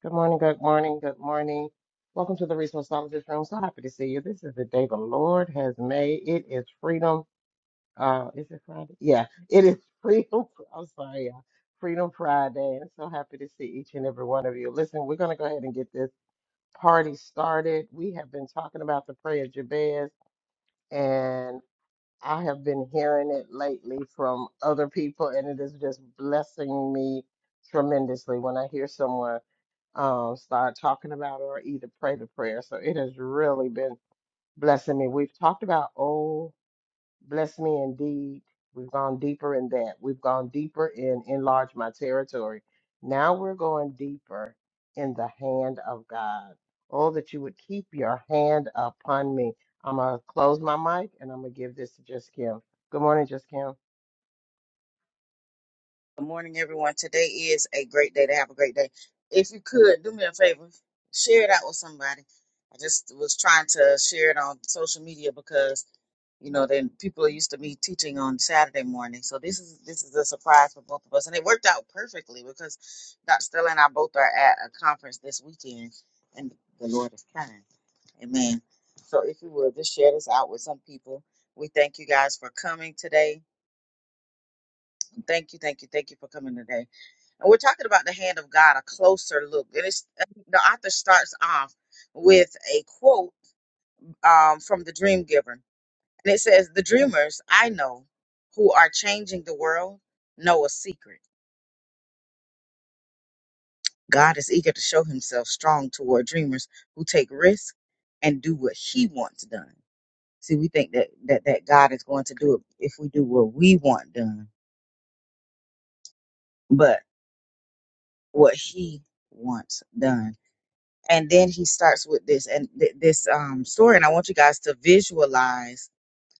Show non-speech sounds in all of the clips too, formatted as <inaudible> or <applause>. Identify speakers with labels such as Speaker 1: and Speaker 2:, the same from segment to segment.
Speaker 1: Good morning, good morning, good morning. Welcome to the Resourceologist Room. So happy to see you. This is the day the Lord has made. It is freedom. Uh, is it Friday? Yeah, it is freedom. <laughs> I'm sorry, y'all. Freedom Friday. And so happy to see each and every one of you. Listen, we're going to go ahead and get this party started. We have been talking about the prayer of Jabez, I have been hearing it lately from other people, and it is just blessing me tremendously when I hear someone um, start talking about or either pray the prayer. So it has really been blessing me. We've talked about, oh. Bless me indeed. We've gone deeper in that. We've gone deeper in enlarge my territory. Now we're going deeper in the hand of God. Oh, that you would keep your hand upon me. I'm going to close my mic and I'm going to give this to Just Kim. Good morning, Just Kim.
Speaker 2: Good morning, everyone. Today is a great day to have a great day. If you could do me a favor, share it out with somebody. I just was trying to share it on social media because you know then people are used to me teaching on Saturday morning. So this is this is a surprise for both of us, and it worked out perfectly because Dr. Stella and I both are at a conference this weekend, and the Lord is kind. Amen. So if you would just share this out with some people. We thank you guys for coming today. Thank you, thank you, thank you for coming today. And we're talking about the hand of God, a closer look. And it's the author starts off with a quote um, from the dream giver. And it says, The dreamers I know who are changing the world know a secret. God is eager to show himself strong toward dreamers who take risks and do what he wants done. See, we think that, that, that God is going to do it if we do what we want done, but what he wants done. and then he starts with this and th- this um story and i want you guys to visualize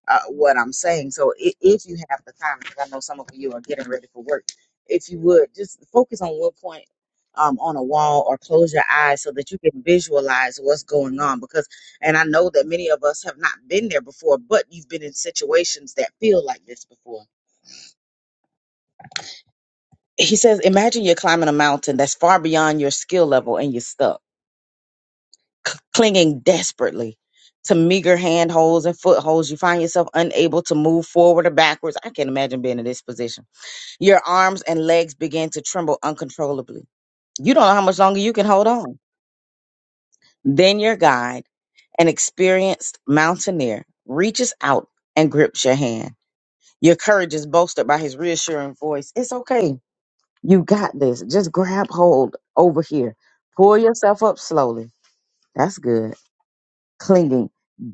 Speaker 2: uh, what i'm saying so if, if you have the time because i know some of you are getting ready for work if you would just focus on one point um, on a wall or close your eyes so that you can visualize what's going on because and i know that many of us have not been there before but you've been in situations that feel like this before he says imagine you're climbing a mountain that's far beyond your skill level and you're stuck c- clinging desperately to meager handholds and footholds. You find yourself unable to move forward or backwards. I can't imagine being in this position. Your arms and legs begin to tremble uncontrollably. You don't know how much longer you can hold on. Then your guide, an experienced mountaineer, reaches out and grips your hand. Your courage is bolstered by his reassuring voice. It's okay. You got this. Just grab hold over here. Pull yourself up slowly. That's good clinging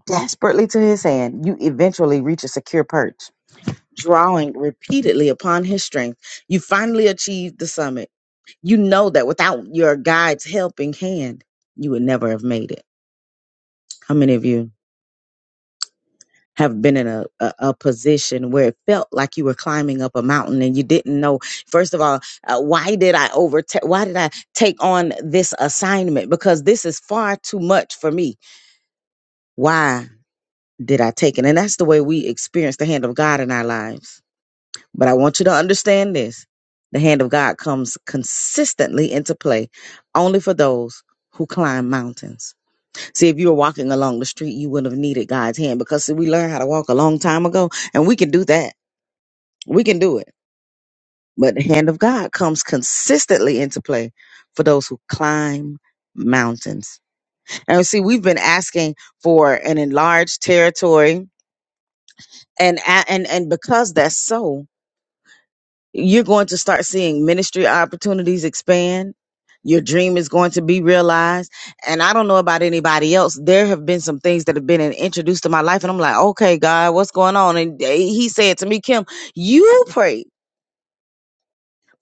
Speaker 2: desperately to his hand, you eventually reach a secure perch. Drawing repeatedly upon his strength, you finally achieve the summit. You know that without your guide's helping hand, you would never have made it. How many of you have been in a, a, a position where it felt like you were climbing up a mountain and you didn't know, first of all, uh, why did I overtake? Why did I take on this assignment? Because this is far too much for me. Why? did I take it? And that's the way we experience the hand of God in our lives. But I want you to understand this the hand of God comes consistently into play only for those who climb mountains. See, if you were walking along the street, you wouldn't have needed God's hand because see, we learned how to walk a long time ago and we can do that. We can do it. But the hand of God comes consistently into play for those who climb mountains. And see, we've been asking for an enlarged territory and a- and and because that's so you're going to start seeing ministry opportunities expand your dream is going to be realized and i don't know about anybody else there have been some things that have been in- introduced to my life and i'm like okay god what's going on and they- he said to me kim you pray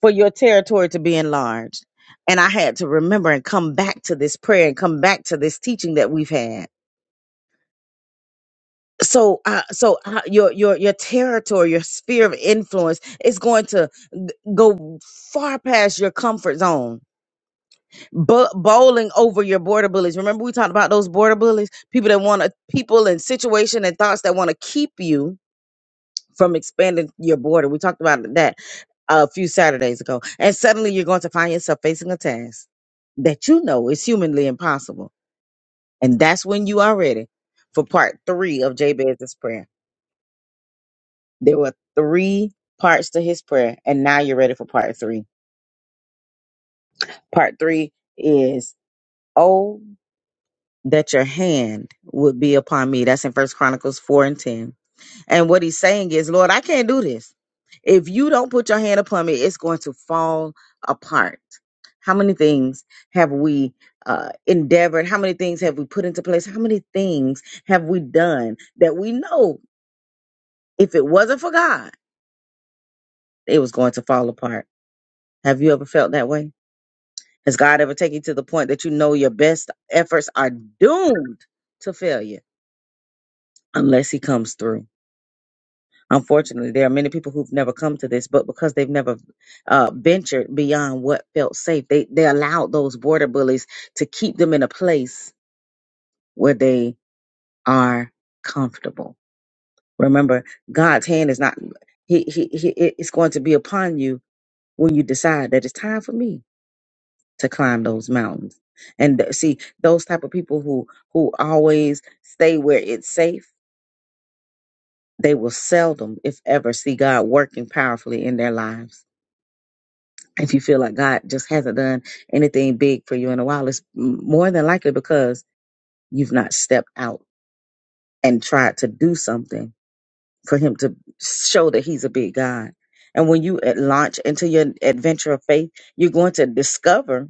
Speaker 2: for your territory to be enlarged and i had to remember and come back to this prayer and come back to this teaching that we've had so uh, so uh, your your your territory your sphere of influence is going to go far past your comfort zone, but bowling over your border bullies. Remember, we talked about those border bullies, people that want to, people and situation and thoughts that want to keep you from expanding your border. We talked about that a few Saturdays ago. And suddenly you're going to find yourself facing a task that you know is humanly impossible. And that's when you are ready for part three of Jabez's prayer. There were three parts to his prayer, and now you're ready for part three. Part three is, oh. that your hand would be upon me. That's in First Chronicles 4 and 10. And what he's saying is, Lord, I can't do this. If you don't put your hand upon me, it's going to fall apart. How many things have we uh, endeavored? How many things have we put into place? How many things have we done that we know if it wasn't for God, it was going to fall apart? Have you ever felt that way? Has God ever taken you to the point that you know your best efforts are doomed to failure unless He comes through? Unfortunately, there are many people who've never come to this, but because they've never uh, ventured beyond what felt safe, they, they allowed those border bullies to keep them in a place where they are comfortable. Remember, God's hand is not, he, he, he, it- it's going to be upon you when you decide that it's time for me to climb those mountains. And th- see, those type of people who, who always stay where it's safe, they will seldom, if ever, see God working powerfully in their lives if you feel like God just hasn't done anything big for you in a while, it's more than likely because you've not stepped out and tried to do something for Him to show that He's a big God. And when you at launch into your adventure of faith, you're going to discover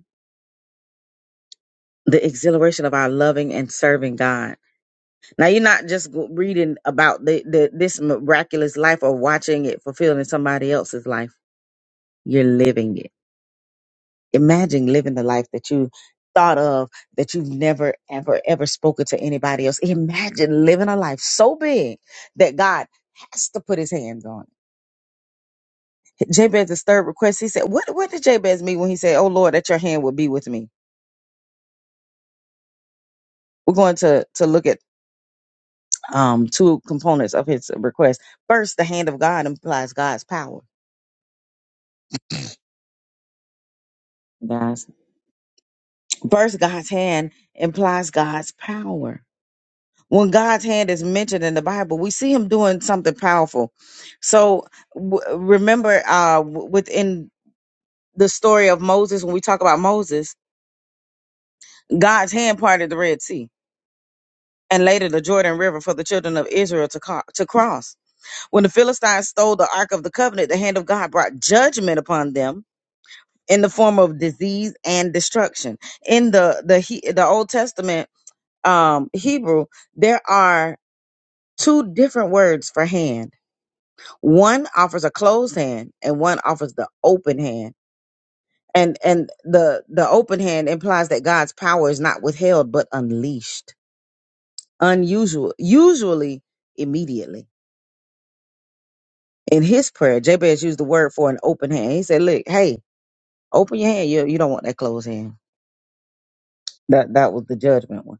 Speaker 2: the exhilaration of our loving and serving God. Now, you're not just go- reading about the, the, this miraculous life or watching it fulfilled in somebody else's life. You're living it imagine living the life that you thought of that you've never ever ever spoken to anybody else imagine living a life so big that god has to put his hands on it jabez's third request he said what what did jabez mean when he said oh lord that your hand would be with me we're going to to look at um two components of his request first the hand of god implies god's power guys first god's hand implies god's power when God's hand is mentioned in the Bible, we see Him doing something powerful. So w- remember, uh, w- within the story of Moses, when we talk about Moses, God's hand parted the Red Sea and later the Jordan River for the children of Israel to, co- to cross. When the Philistines stole the Ark of the Covenant, the hand of God brought judgment upon them in the form of disease and destruction. In the the he- the Old Testament um, Hebrew, there are two different words for hand One offers a closed hand and one offers the open hand. And and the the open hand implies that God's power is not withheld but unleashed. Unusual, usually immediately. In his prayer, Jabez used the word for an open hand. He said, Look, hey, open your hand. You you don't want that closed hand. That that was the judgment one.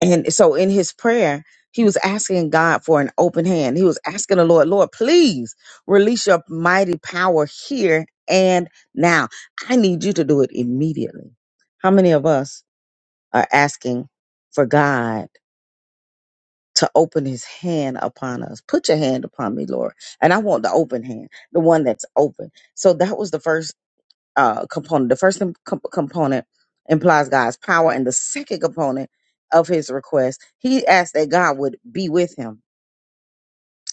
Speaker 2: And so in his prayer, he was asking God for an open hand. He was asking the Lord, Lord, please release your mighty power here and now. I need you to do it immediately. How many of us are asking for God to open his hand upon us? Put your hand upon me, Lord. And I want the open hand, the one that's open. So that was the first uh, component. The first com- component implies God's power, and the second component of his request, he asked that God would be with him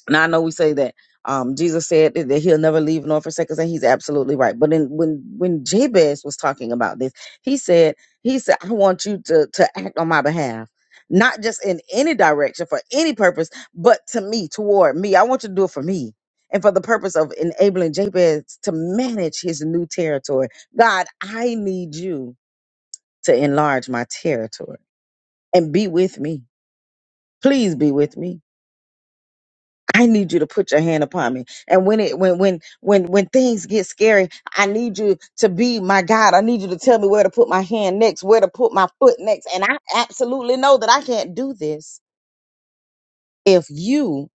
Speaker 2: now I know we say that um, Jesus said that, that he'll never leave nor forsake us, and he's absolutely right. But in, when when Jabez was talking about this, he said he said I want you to to act on my behalf, not just in any direction for any purpose, but to me, toward me. I want you to do it for me. And for the purpose of enabling Jabez to manage his new territory, God, I need you to enlarge my territory and be with me. Please be with me I need you to put your hand upon me. And when it when when when when things get scary, I need you to be my God. I need you to tell me where to put my hand next, where to put my foot next. And I absolutely know that I can't do this if you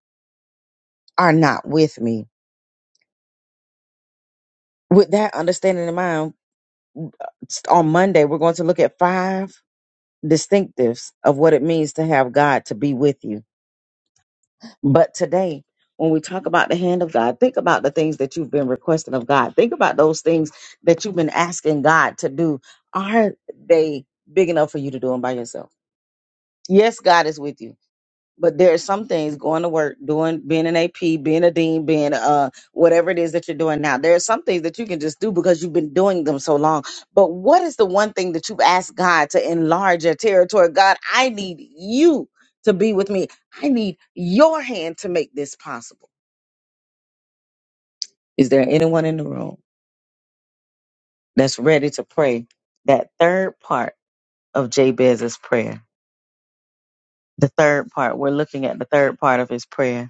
Speaker 2: are not with me. With that understanding in mind, s- on Monday we're going to look at five distinctives of what it means to have God to be with you But today, when we talk about the hand of God, think about the things that you've been requesting of God. Think about those things that you've been asking God to do. Are they big enough for you to do them by yourself? Yes, God is with you but there are some things going to work doing being an ap being a dean being uh whatever it is that you're doing now there are some things that you can just do because you've been doing them so long but what is the one thing that you've asked god to enlarge your territory god i need you to be with me i need your hand to make this possible is there anyone in the room that's ready to pray that third part of jabez's prayer the third part we're looking at the third part of his prayer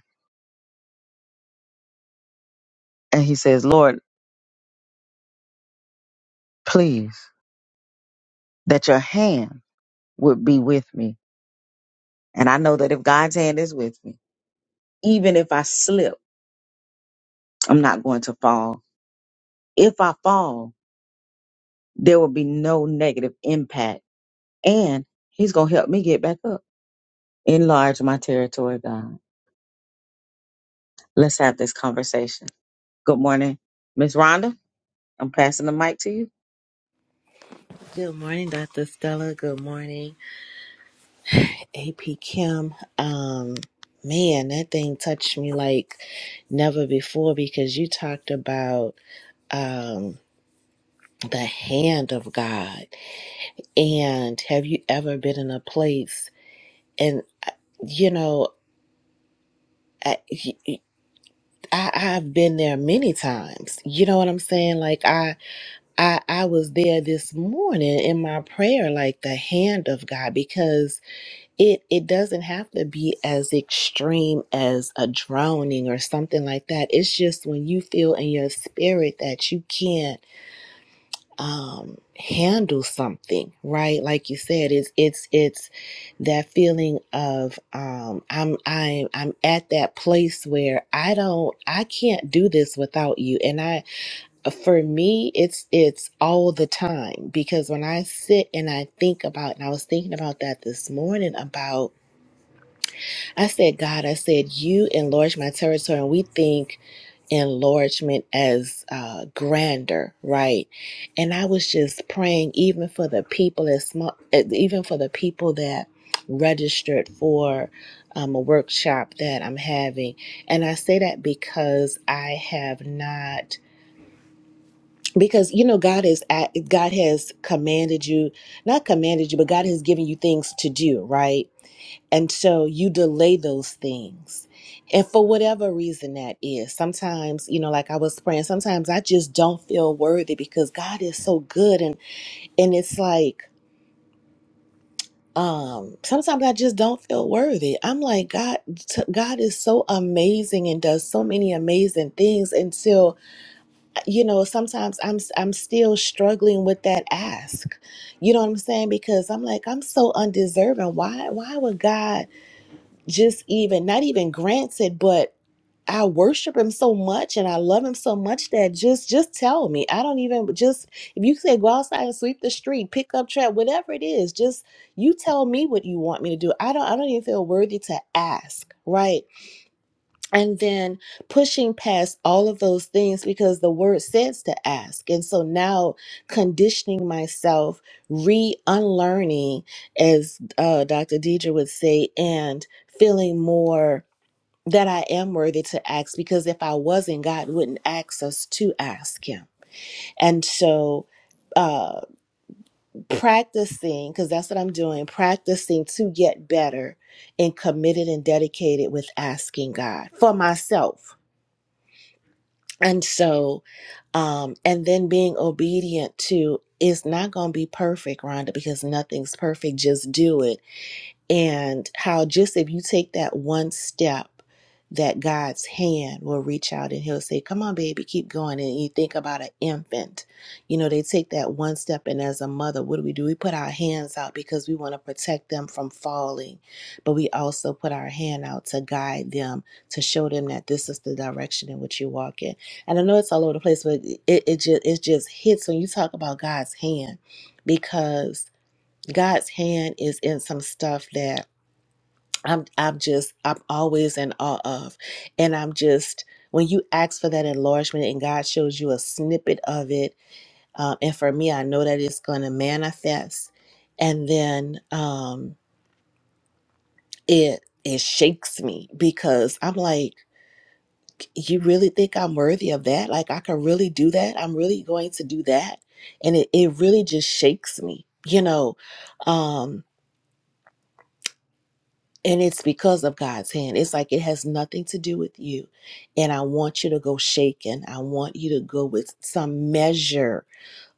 Speaker 2: and he says lord please that your hand would be with me. And I know that if God's hand is with me, even if I slip, I'm not going to fall. If I fall, there will be no negative impact. And He's going to help me get back up. Enlarge my territory, God. Let's have this conversation. Good morning, Miss Rhonda. I'm passing the mic to you. Thank
Speaker 3: Good morning, Dr. Stella. Good morning, AP Kim. Um, man, that thing touched me like never before because you talked about um, the hand of God. And have you ever been in a place and uh, you know, I, I I've been there many times. You know what I'm saying? Like I I I was there this morning in my prayer like the hand of God because it it doesn't have to be as extreme as a drowning or something like that it's just when you feel in your spirit that you can't um handle something right like you said it's it's it's that feeling of um i'm i'm i'm at that place where i don't i can't do this without you and i for me it's it's all the time because when i sit and i think about and i was thinking about that this morning about I said, God, I said, you enlarge my territory. And we think enlargement as uh, grander, right? And I was just praying, even for the people as small, eh, even for the people that registered for um, a workshop that I'm having. And I say that because I have not. Because you know God is at, God has commanded you, not commanded you, but God has given you things to do, right? And so you delay those things. And for whatever reason that is, sometimes, you know, like I was praying, sometimes I just don't feel worthy because God is so good and and it's like um sometimes I just don't feel worthy. I'm like God t- God is so amazing and does so many amazing things until you know, sometimes I'm I'm still struggling with that ask. You know what I'm saying? Because I'm like I'm so undeserving. Why why would God just even not even granted but i worship him so much and i love him so much that just just tell me i don't even just if you say go outside and sweep the street pick up trash whatever it is just you tell me what you want me to do i don't i don't even feel worthy to ask right and then pushing past all of those things because the word says to ask and so now conditioning myself re-unlearning as uh, dr deidre would say and feeling more that I am worthy to ask because if I wasn't, God wouldn't ask us to ask Him. And so, uh, practicing, because that's what I'm doing, practicing to get better and committed and dedicated with asking God for myself. And so, um, and then being obedient to it's not going to be perfect, Rhonda, because nothing's perfect. Just do it and how just if you take that one step that God's hand will reach out and he'll say, Come on, baby, keep going. And you think about an infant. You know, they take that one step, and as a mother, what do we do? We put our hands out because we want to protect them from falling. But we also put our hand out to guide them, to show them that this is the direction in which you walk in. And I know it's all over the place, but it, it, just, it just hits when you talk about God's hand because God's hand is in some stuff that I'm I'm just I'm always in awe of. And I'm just when you ask for that enlargement and God shows you a snippet of it, um, and for me, I know that it's gonna manifest and then um it it shakes me because I'm like, you really think I'm worthy of that? Like I can really do that? I'm really going to do that? And it, it really just shakes me, you know. Um And it's because of God's hand. It's like it has nothing to do with you. And I want you to go shaken. I want you to go with some measure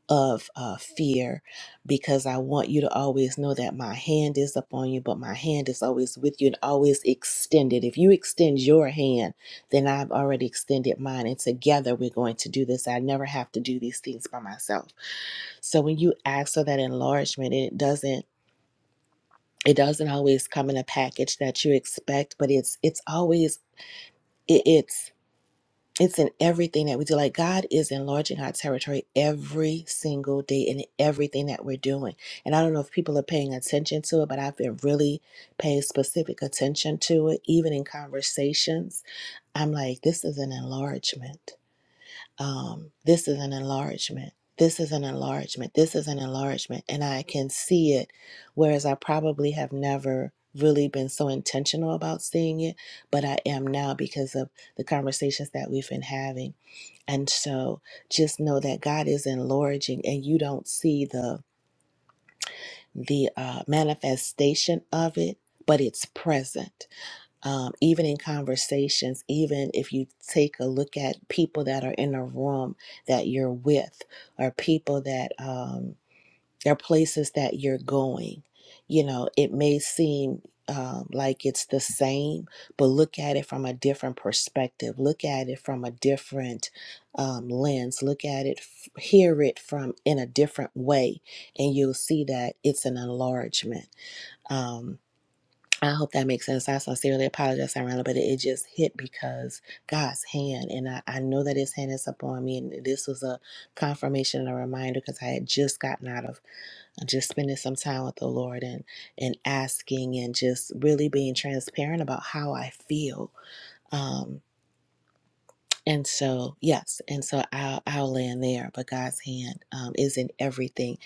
Speaker 3: of uh, fear because I want you to always know that my hand is upon you, but my hand is always with you and always extended. If you extend your hand, then I've already extended mine. And together we're going to do this. I never have to do these things by myself. So when you ask for that enlargement, it doesn't it doesn't always come in a package that you expect but it's it's always it, it's it's in everything that we do like god is enlarging our territory every single day in everything that we're doing and i don't know if people are paying attention to it but i've been really paying specific attention to it even in conversations i'm like this is an enlargement um, this is an enlargement. This is an enlargement. This is an enlargement. And I can see it, whereas I probably have never really been so intentional about seeing it, but I am now because of the conversations that we've been having. And so just know that God is enlarging and you don't see the the uh, manifestation of it, but it's present um, even in conversations, even if you take a look at people that are in a room that you're with, or people that um, are places that you're going, you know, it may seem um, like it's the same, but look at it from a different perspective. Look at it from a different um, lens. Look at it, f- hear it from in a different way, and you'll see that it's an enlargement. Um, I hope that makes sense. I sincerely apologize, Sirena, but it, just hit because God's hand, and I, I know that His hand is upon me. And this was a confirmation and a reminder because I had just gotten out of uh, just spending some time with the Lord and and asking and just really being transparent about how I feel. Um, and so, yes, and so I'll, I'll land there. But God's hand um, is in everything,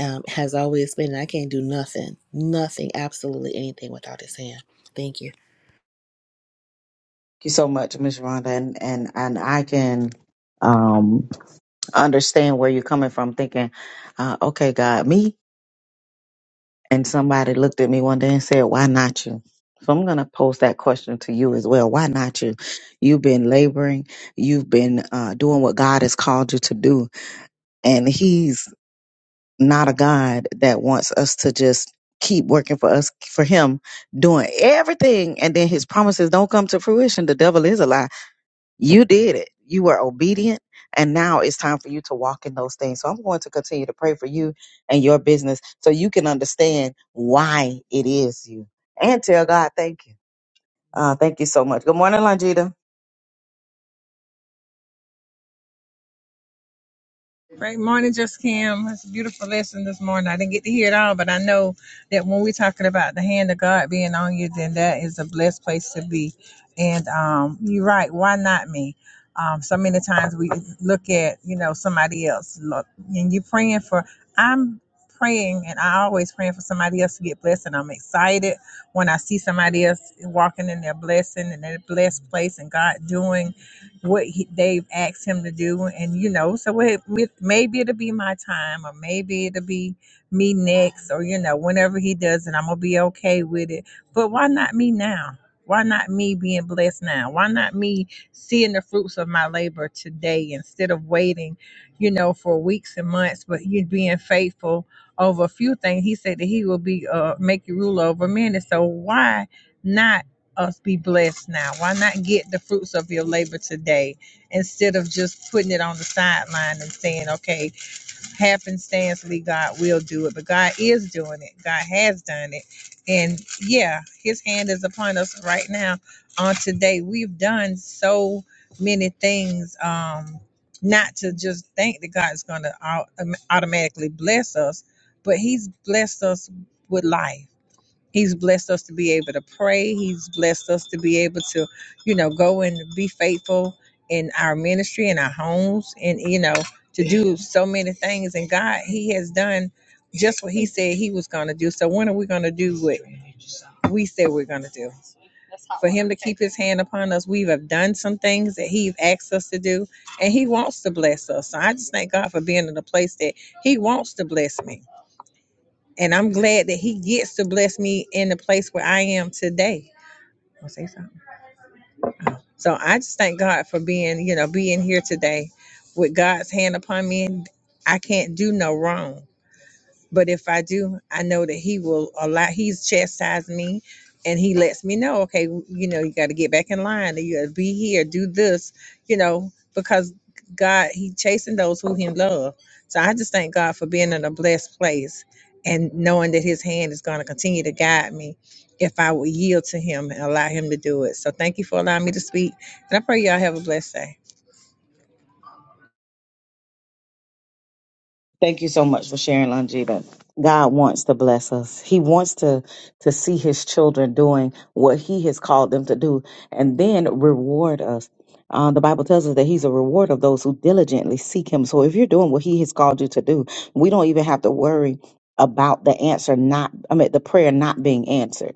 Speaker 3: um, has always been. And I can't do nothing, nothing, absolutely anything without His hand. Thank you.
Speaker 2: you so much, Miss Rhonda. And, and, and I can um, understand where you're coming from thinking, uh, okay, God, me? And somebody looked at me one day and said, Why not you? So I'm going to pose that question to you as well. Why not you? You've been laboring, you've been uh, doing what God has called you to do. And He's not a God that wants us to just keep working for us, for Him, doing everything. And then His promises don't come to fruition. The devil is a lie. You did it. You were obedient. And now it's time for you to walk in those things. So I'm going to continue to pray for you and your business so you can understand why it is you. And tell God, thank you. Uh, thank you so much. Good morning, Longita.
Speaker 4: Great morning, Just Kim. It's a beautiful lesson this morning. I didn't get to hear it all, but I know that when we're talking about the hand of God being on you, then that is a blessed place to be. And um, you're right. Why not me? Um, so many times we look at you know somebody else. Look, and you're praying for. I'm praying, and I always praying for somebody else to get blessed. And I'm excited when I see somebody else walking in their blessing and their blessed place, and God doing what he, they've asked him to do and you know so it, it- maybe it'll be my time or maybe it'll be me next or you know whenever he does it i'm gonna be okay with it but why not me now why not me being blessed now why not me seeing the fruits of my labor today instead of waiting you know for weeks and months but you being faithful over a few things he said that he will be uh make you rule over many so why not us be blessed now? Why not get the fruits of your labor today instead of just putting it on the sideline and saying, okay, happenstancely, God will do it. But God is doing it, God has done it. And yeah, His hand is upon us right now on today. We've done so many things. Um, not to just think that God's going to automatically bless us, but He's blessed us with life. He's blessed us to be able to pray. He's blessed us to be able to, you know, go and be faithful in our ministry, in our homes, and, you know, to do so many things. And God, He has done just what He said He was going to do. So when are we going to do what we said we're going to do? For Him to keep His hand upon us, we have done some things that He's asked us to do, and He wants to bless us. So I just thank God for being in a place that He wants to bless me. And I'm glad that he gets to bless me in the place where I am today. I'll say something. So I just thank God for being, you know, being here today with God's hand upon me. I can't do no wrong but if I do, I know that he will allow, he's chastised me and he lets me know, okay, you know, you got to get back in line, or you got to be here, do this, you know, because God, he chasing those who he love. So I just thank God for being in a blessed place and knowing that his hand is going to continue to guide me if I will yield to him and allow him to do it. So thank you for allowing me to speak. And I pray y'all have a blessed day.
Speaker 2: Thank you so much for sharing, Longita. God wants to bless us. He wants to to see His children doing what He has called them to do, and then reward us. Uh, the Bible tells us that He's a reward of those who diligently seek Him. So if you're doing what He has called you to do, we don't even have to worry about the answer not. I mean, the prayer not being answered.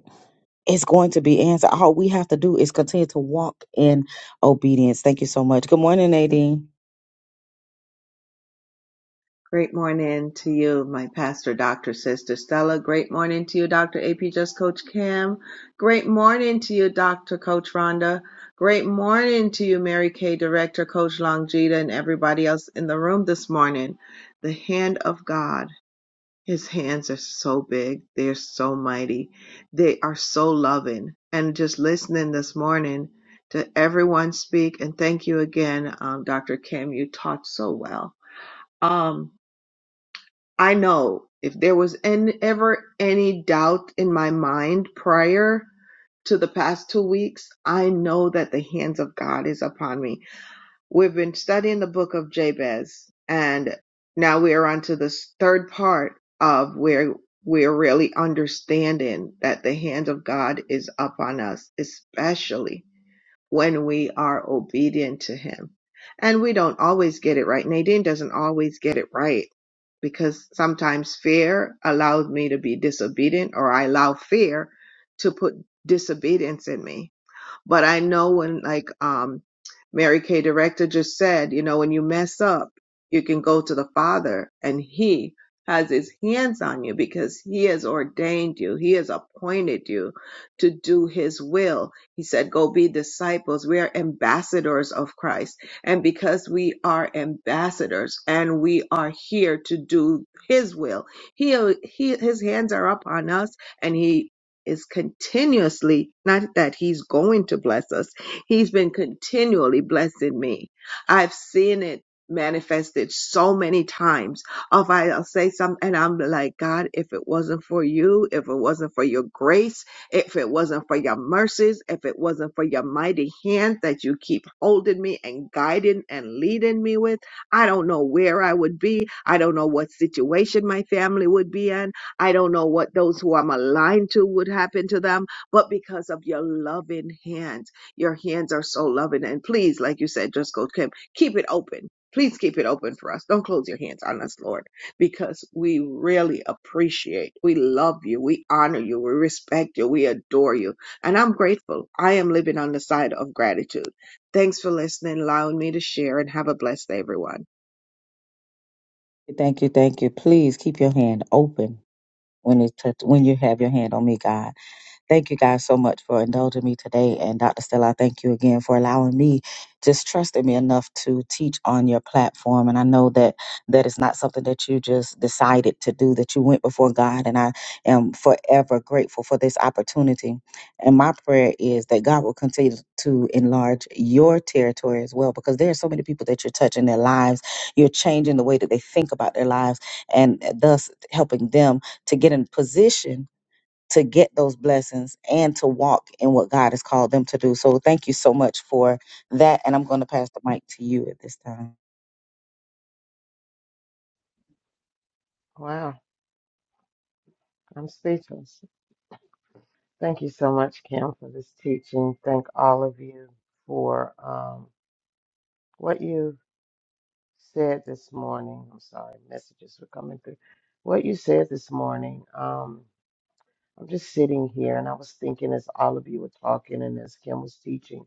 Speaker 2: It's going to be answered. All we have to do is continue to walk in obedience. Thank you so much. Good morning, Nadine.
Speaker 5: Great morning to you, my pastor, Dr. Sister Stella. Great morning to you, Dr. AP Just Coach Kim. Great morning to you, Dr. Coach Rhonda. Great morning to you, Mary Kay Director, Coach Longita, and everybody else in the room this morning. The hand of God, his hands are so big. They're so mighty. They are so loving. And just listening this morning to everyone speak, and thank you again, um, Dr. Kim. You taught so well. Um, I know if there was any, ever any doubt in my mind prior to the past two weeks, I know that the hands of God is upon me. We've been studying the book of Jabez, and now we are on to this third part of where we're really understanding that the hand of God is upon us, especially when we are obedient to Him. And we don't always get it right. Nadine doesn't always get it right because sometimes fear allows me to be disobedient, or I allow fear to put disobedience in me but I know when like um Mary Kay director just said, you know, when you mess up, you can go to the Father and He has his hands on you because he has ordained you. He has appointed you to do his will. He said, go be disciples. We are ambassadors of Christ. And because we are ambassadors and we are here to do his will, he, he, his hands are upon us and he is continuously, not that he's going to bless us, he's been continually blessing me. I've seen it manifested so many times of I'll say something and I'm like, God, if it wasn't for you, if it wasn't for your grace, if it wasn't for your mercies, if it wasn't for your mighty hand that you keep holding me and guiding and leading me with, I don't know where I would be. I don't know what situation my family would be in. I don't know what those who I'm aligned to would happen to them, but because of your loving hands, your hands are so loving. And please, like you said, just go, Kim, keep it open. Please keep it open for us. Don't close your hands on us, Lord, because we really appreciate, we love you, we honor you, we respect you, we adore you. And I'm grateful. I am living on the side of gratitude. Thanks for listening, allowing me to share, and have a blessed day, everyone.
Speaker 2: Thank you, thank you. Please keep your hand open when it touch, when you have your hand on me, God. Thank you guys so much for indulging me today. And Dr. Stella, I thank you again for allowing me, just trusting me enough to teach on your platform. And I know that that is not something that you just decided to do, that you went before God. And I am forever grateful for this opportunity. And my prayer is that God will continue to enlarge your territory as well, because there are so many people that you're touching their lives. You're changing the way that they think about their lives and thus helping them to get in position to get those blessings and to walk in what God has called them to do. So thank you so much for that. And I'm going to pass the mic to you at this time.
Speaker 1: Wow, I'm speechless. Thank you so much, Kim, for this teaching. Thank all of you for um, what you said this morning. I'm sorry, messages were coming through. What you said this morning, um, I'm just sitting here and I was thinking as all of you were talking and as Kim was teaching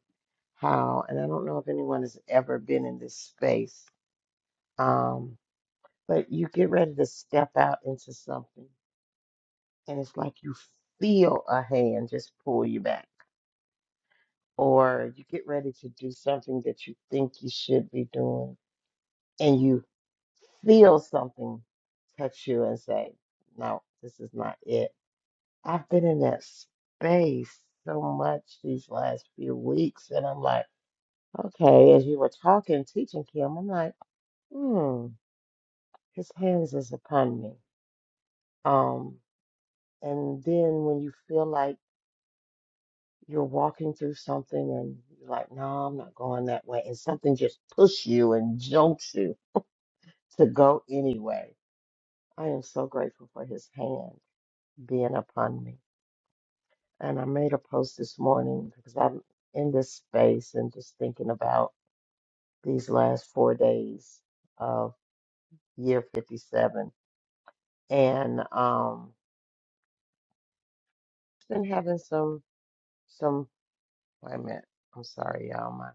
Speaker 1: how, and I don't know if anyone has ever been in this space, um, but you get ready to step out into something and it's like you feel a hand just pull you back, or you get ready to do something that you think you should be doing and you. feel something touch you and say, no, this is not it. I've been in that space so much these last few weeks, and I'm like, okay, as you were talking, teaching Kim, I'm like, hmm, his hands is upon me. Um, and then when you feel like you're walking through something and you're like, no, I'm not going that way, and something just push you and jolts you to go anyway. I am so grateful for his hand being upon me. And I made a post this morning because I'm in this space and just thinking about these last four days of year 57. And um, been having some, some, wait a minute. I'm sorry, y'all. My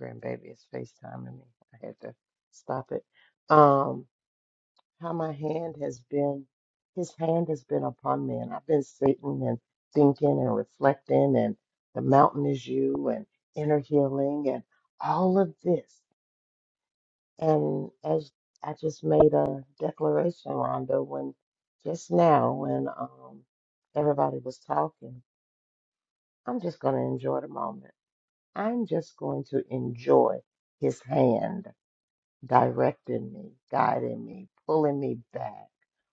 Speaker 1: grandbaby is FaceTiming me. I had to stop it. Um, how my hand has been, his hand has been upon me. And I've been sitting and thinking and reflecting, and the mountain is you, and inner healing, and all of this. And as I just made a declaration, Rhonda, when just now, when um, everybody was talking, I'm just going to enjoy the moment. I'm just going to enjoy his hand directing me, guiding me, pulling me back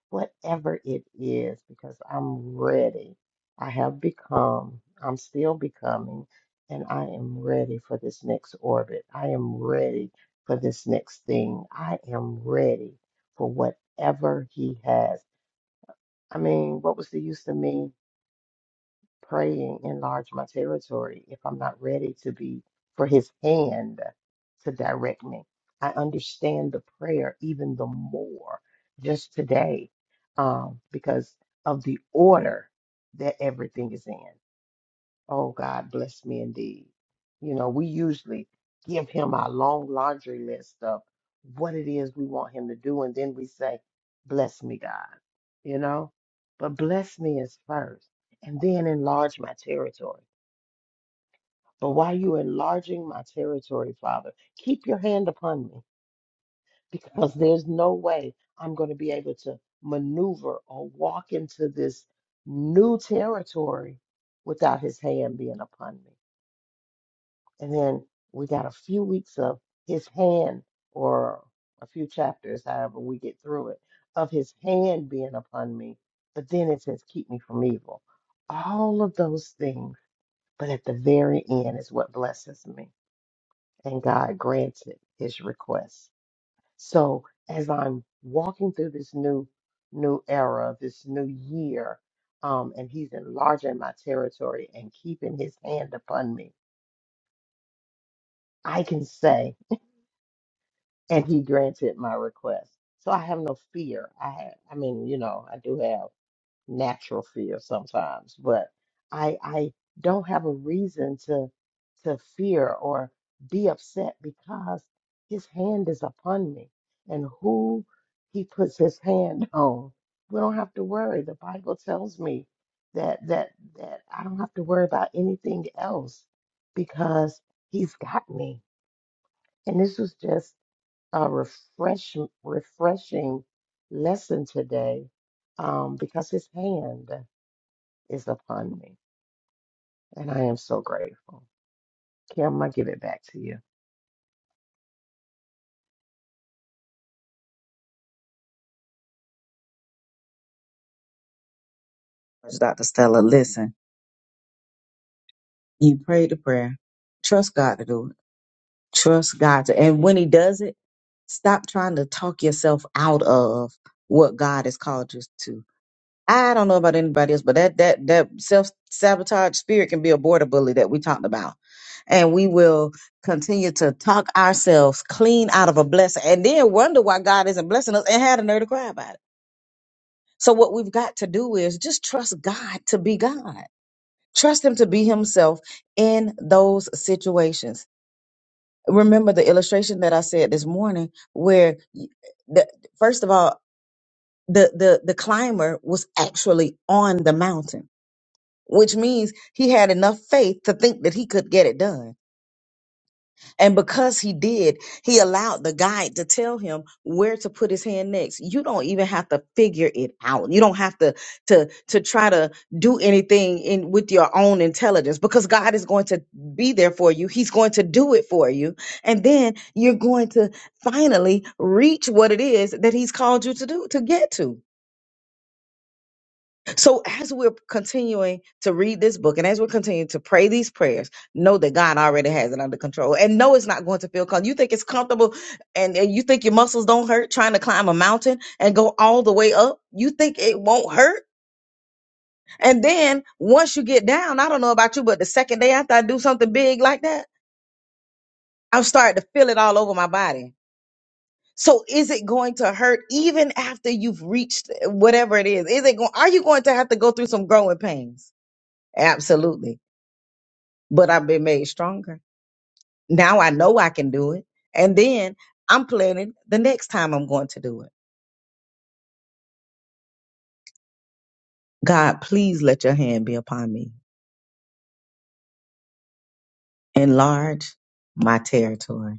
Speaker 1: whatever it is, because I'm ready. I have become, I'm still becoming, and I am ready for this next orbit. I am ready for this next thing. I am ready for whatever he has. I mean, what was the use of me? praying, enlarge my territory if I'm not ready to be for his hand to direct me. I understand the prayer even the more just today um, because of the order that everything is in. Oh, God bless me indeed. You know, we usually give him our long laundry list of what it is we want him to do, and then we say, Bless me, God, you know? But bless me is first, and then enlarge my territory. But while you enlarging my territory, Father, keep your hand upon me because there's no way I'm going to be able to maneuver or walk into this new territory without his hand being upon me. And then we got a few weeks of his hand, or a few chapters, however we get through it, of his hand being upon me. But then it says, Keep me from evil. All of those things. But at the very end is what blesses me. And God granted his request. So as I'm walking through this new new era, this new year, um, and he's enlarging my territory and keeping his hand upon me, I can say. and he granted my request. So I have no fear. I have, I mean, you know, I do have natural fear sometimes, but I I don't have a reason to to fear or be upset because his hand is upon me and who he puts his hand <laughs> on. We don't have to worry. The Bible tells me that that that I don't have to worry about anything else because he's got me. And this was just a refresh, refreshing lesson today um, because his hand is upon me. And I am so grateful. Kim, I give it back to you.
Speaker 2: Dr. Stella, listen, you pray the prayer. Trust God to do it. Trust God to, and when He does it, stop trying to talk yourself out of what God has called you to. I don't know about anybody else, but that that that self sabotage spirit can be a border bully that we talked about, and we will continue to talk ourselves clean out of a blessing, and then wonder why God isn't blessing us, and had a nerve to cry about it. So what we've got to do is just trust God to be God, trust Him to be Himself in those situations. Remember the illustration that I said this morning, where y- the, first of all, the the the climber was actually on the mountain which means he had enough faith to think that he could get it done. And because he did, he allowed the guide to tell him where to put his hand next. You don't even have to figure it out. You don't have to to to try to do anything in with your own intelligence because God is going to be there for you. He's going to do it for you. And then you're going to finally reach what it is that he's called you to do to get to. So as we're continuing to read this book and as we're continuing to pray these prayers, know that God already has it under control and know it's not going to feel comfortable. You think it's comfortable and, and you think your muscles don't hurt trying to climb a mountain and go all the way up. You think it won't hurt. And then once you get down, I don't know about you, but the second day after I do something big like that, I'm starting to feel it all over my body. So is it going to hurt even after you've reached whatever it is? Is it going, are you going to have to go through some growing pains? Absolutely. but I've been made stronger. Now I know I can do it. And then I'm planning the next time I'm going to do it. God, please let your hand be upon me. Enlarge my territory.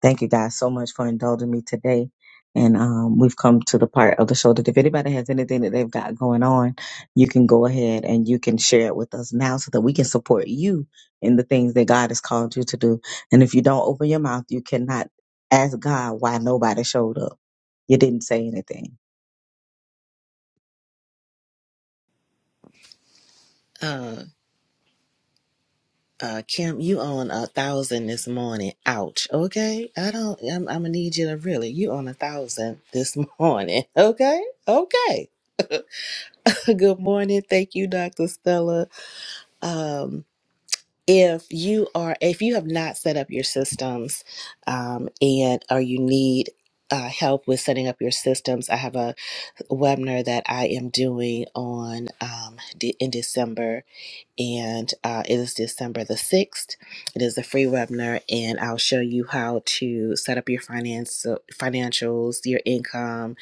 Speaker 2: Thank you guys so much for indulging me today. And um, we've come to the part of the show that if anybody has anything that they've got going on, you can go ahead and you can share it with us now so that we can support you in the things that God has called you to do. And if you don't open your mouth, you cannot ask God why nobody showed up You didn't say anything.
Speaker 3: Uh, Uh, Kim, you on a thousand this morning. Ouch. Okay. I don't, I'm, I'm gonna need you to really, you on a thousand this morning. <laughs> Okay. Okay. <laughs> Good morning. Thank you, Dr. Stella. Um, if you are, if you have not set up your systems, um, and or you need uh, help with setting up your systems, I have a webinar that I am doing on um, de- in December and uh, it is December the 6th. It is a free webinar, and I'll show you how to set up your finance, uh, financials, your income,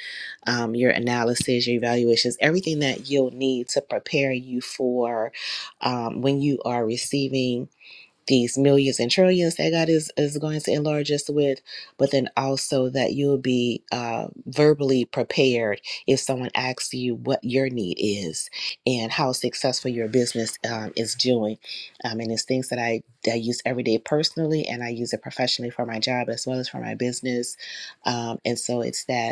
Speaker 3: um, your analysis, your evaluations, everything that you'll need to prepare you for um, when you are receiving these millions and trillions that God is, is going to enlarge us with, but then also that you'll be uh, verbally prepared if someone asks you what your need is and how successful your business um, is doing. Um, and it's things that I, that I use every day personally and I use it professionally for my job as well as for my business. Um, and so it's that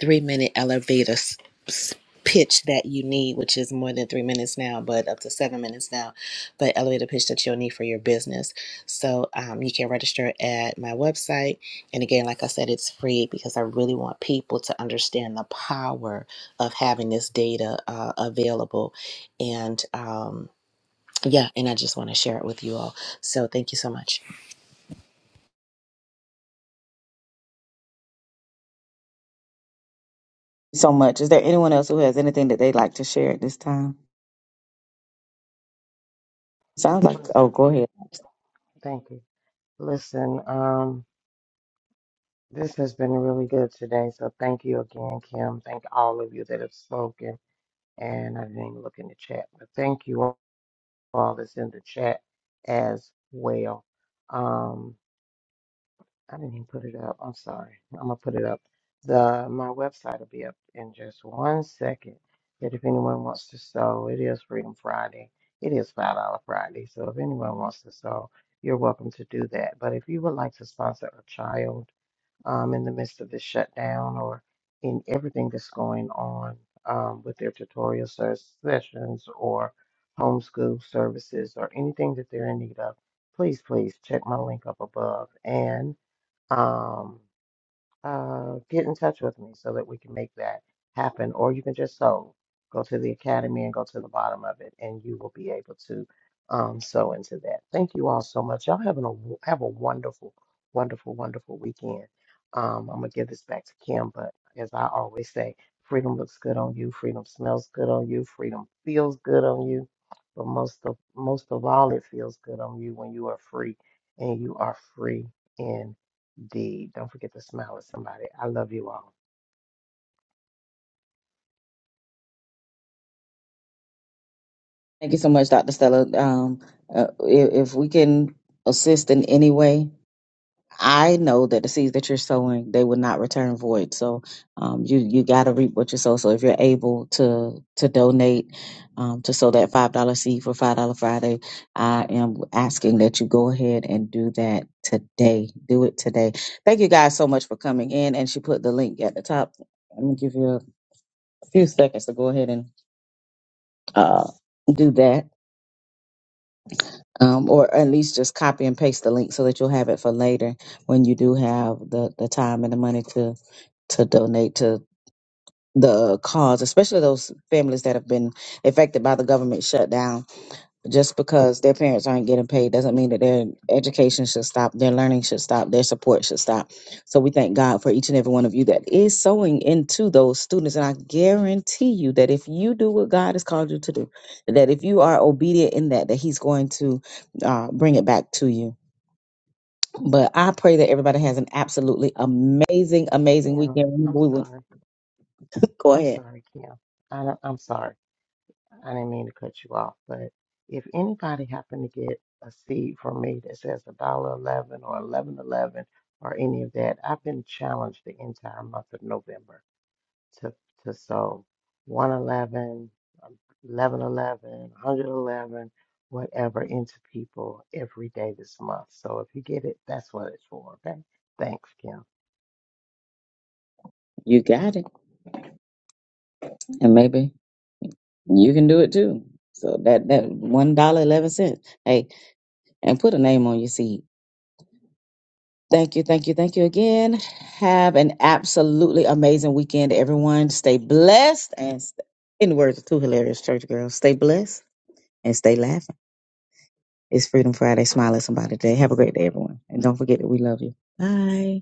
Speaker 3: three minute elevator s- s- pitch that you need, which is more than three minutes now, but up to seven minutes now, but elevator pitch that you'll need for your business. So um, you can register at my website. And again, like I said, it's free because I really want people to understand the power of having this data uh, available. And um, yeah, and I just want to share it with you all. So thank you so much.
Speaker 2: So much. Is there anyone else who has anything that they'd like to share at this time? Sounds like. Oh,
Speaker 1: Listen,
Speaker 2: go ahead.
Speaker 1: thank you. Listen, um, this has been really good today. So thank you again, Kim. Thank all of you that have spoken. And I didn't even look in the chat, but thank you all that's in the chat as well. um. I didn't even put it up. I'm sorry. I'm gonna put it up. The my website will be up in just one second. But if anyone wants to sew, it is Freedom Friday. It is five dollar Friday. So if anyone wants to sew, you're welcome to do that. But if you would like to sponsor a child um, in the midst of this shutdown or in everything that's going on um, with their tutorial ser- sessions or homeschool services or anything that they're in need of, please, please check my link up above um, uh, get in touch with me so that we can make that happen. Or you can just sew. Go to the academy and go to the bottom of it, and you will be able to um, sew into that. Thank you all so much. Y'all having a wo- have a wonderful, wonderful, wonderful weekend. Um, I'm gonna give this back to Kim, but as I always say, freedom looks good on you. Freedom smells good on you. Freedom feels good on you. But most of most of all, it feels good on you when you are free, and you are free D. Don't forget to smile at somebody. I love you all.
Speaker 2: Thank you so much, Dr. Stella. Um, uh, if, if we can assist in any way, I know that the seeds that you're sowing, they will not return void. So um, you you got to reap what you sow. So if you're able to to donate um, to sow that five dollar seed for five dollar Friday, I am asking that you go ahead and do that today. Do it today. Thank you guys so much for coming in. And she put the link at the top. I'm gonna give you a few seconds to go ahead and uh, do that. um, or at least just copy and paste the link so that you'll have it for later when you do have the, the time and the money to to donate to the cause, especially those families that have been affected by the government shutdown just because their parents aren't getting paid doesn't mean that their education should stop, their learning should stop, their support should stop. So we thank God for each and every one of you that is sowing into those students. And I guarantee you that if you do what God has called you to do, that if you are obedient in that, that He's going to uh, bring it back to you. But I pray that everybody has an absolutely amazing, amazing
Speaker 1: Kim,
Speaker 2: weekend.
Speaker 1: I'm
Speaker 2: Remember, We will
Speaker 1: sorry.
Speaker 2: go
Speaker 1: I'm
Speaker 2: ahead.
Speaker 1: sorry, Kim. I don't, I'm sorry. I didn't mean to cut you off. But if anybody happened to get a seed from me that says a dollar eleven or eleven eleven or any of that, I've been challenged the entire month of November to to sow one eleven, um, eleven eleven, hundred eleven, whatever into people every day this month. So if you get it, that's what it's for. Okay. Thanks, Kim.
Speaker 2: You got it, and maybe you can do it too. So that that one dollar eleven cents. Hey, and put a name on your seed. Thank you, thank you, thank you again. Have an absolutely amazing weekend, everyone. Stay blessed and st- in the words of two hilarious church girls, stay blessed and stay laughing. It's Freedom Friday. Smile at somebody today. Have a great day, everyone. And don't forget that we love you. Bye.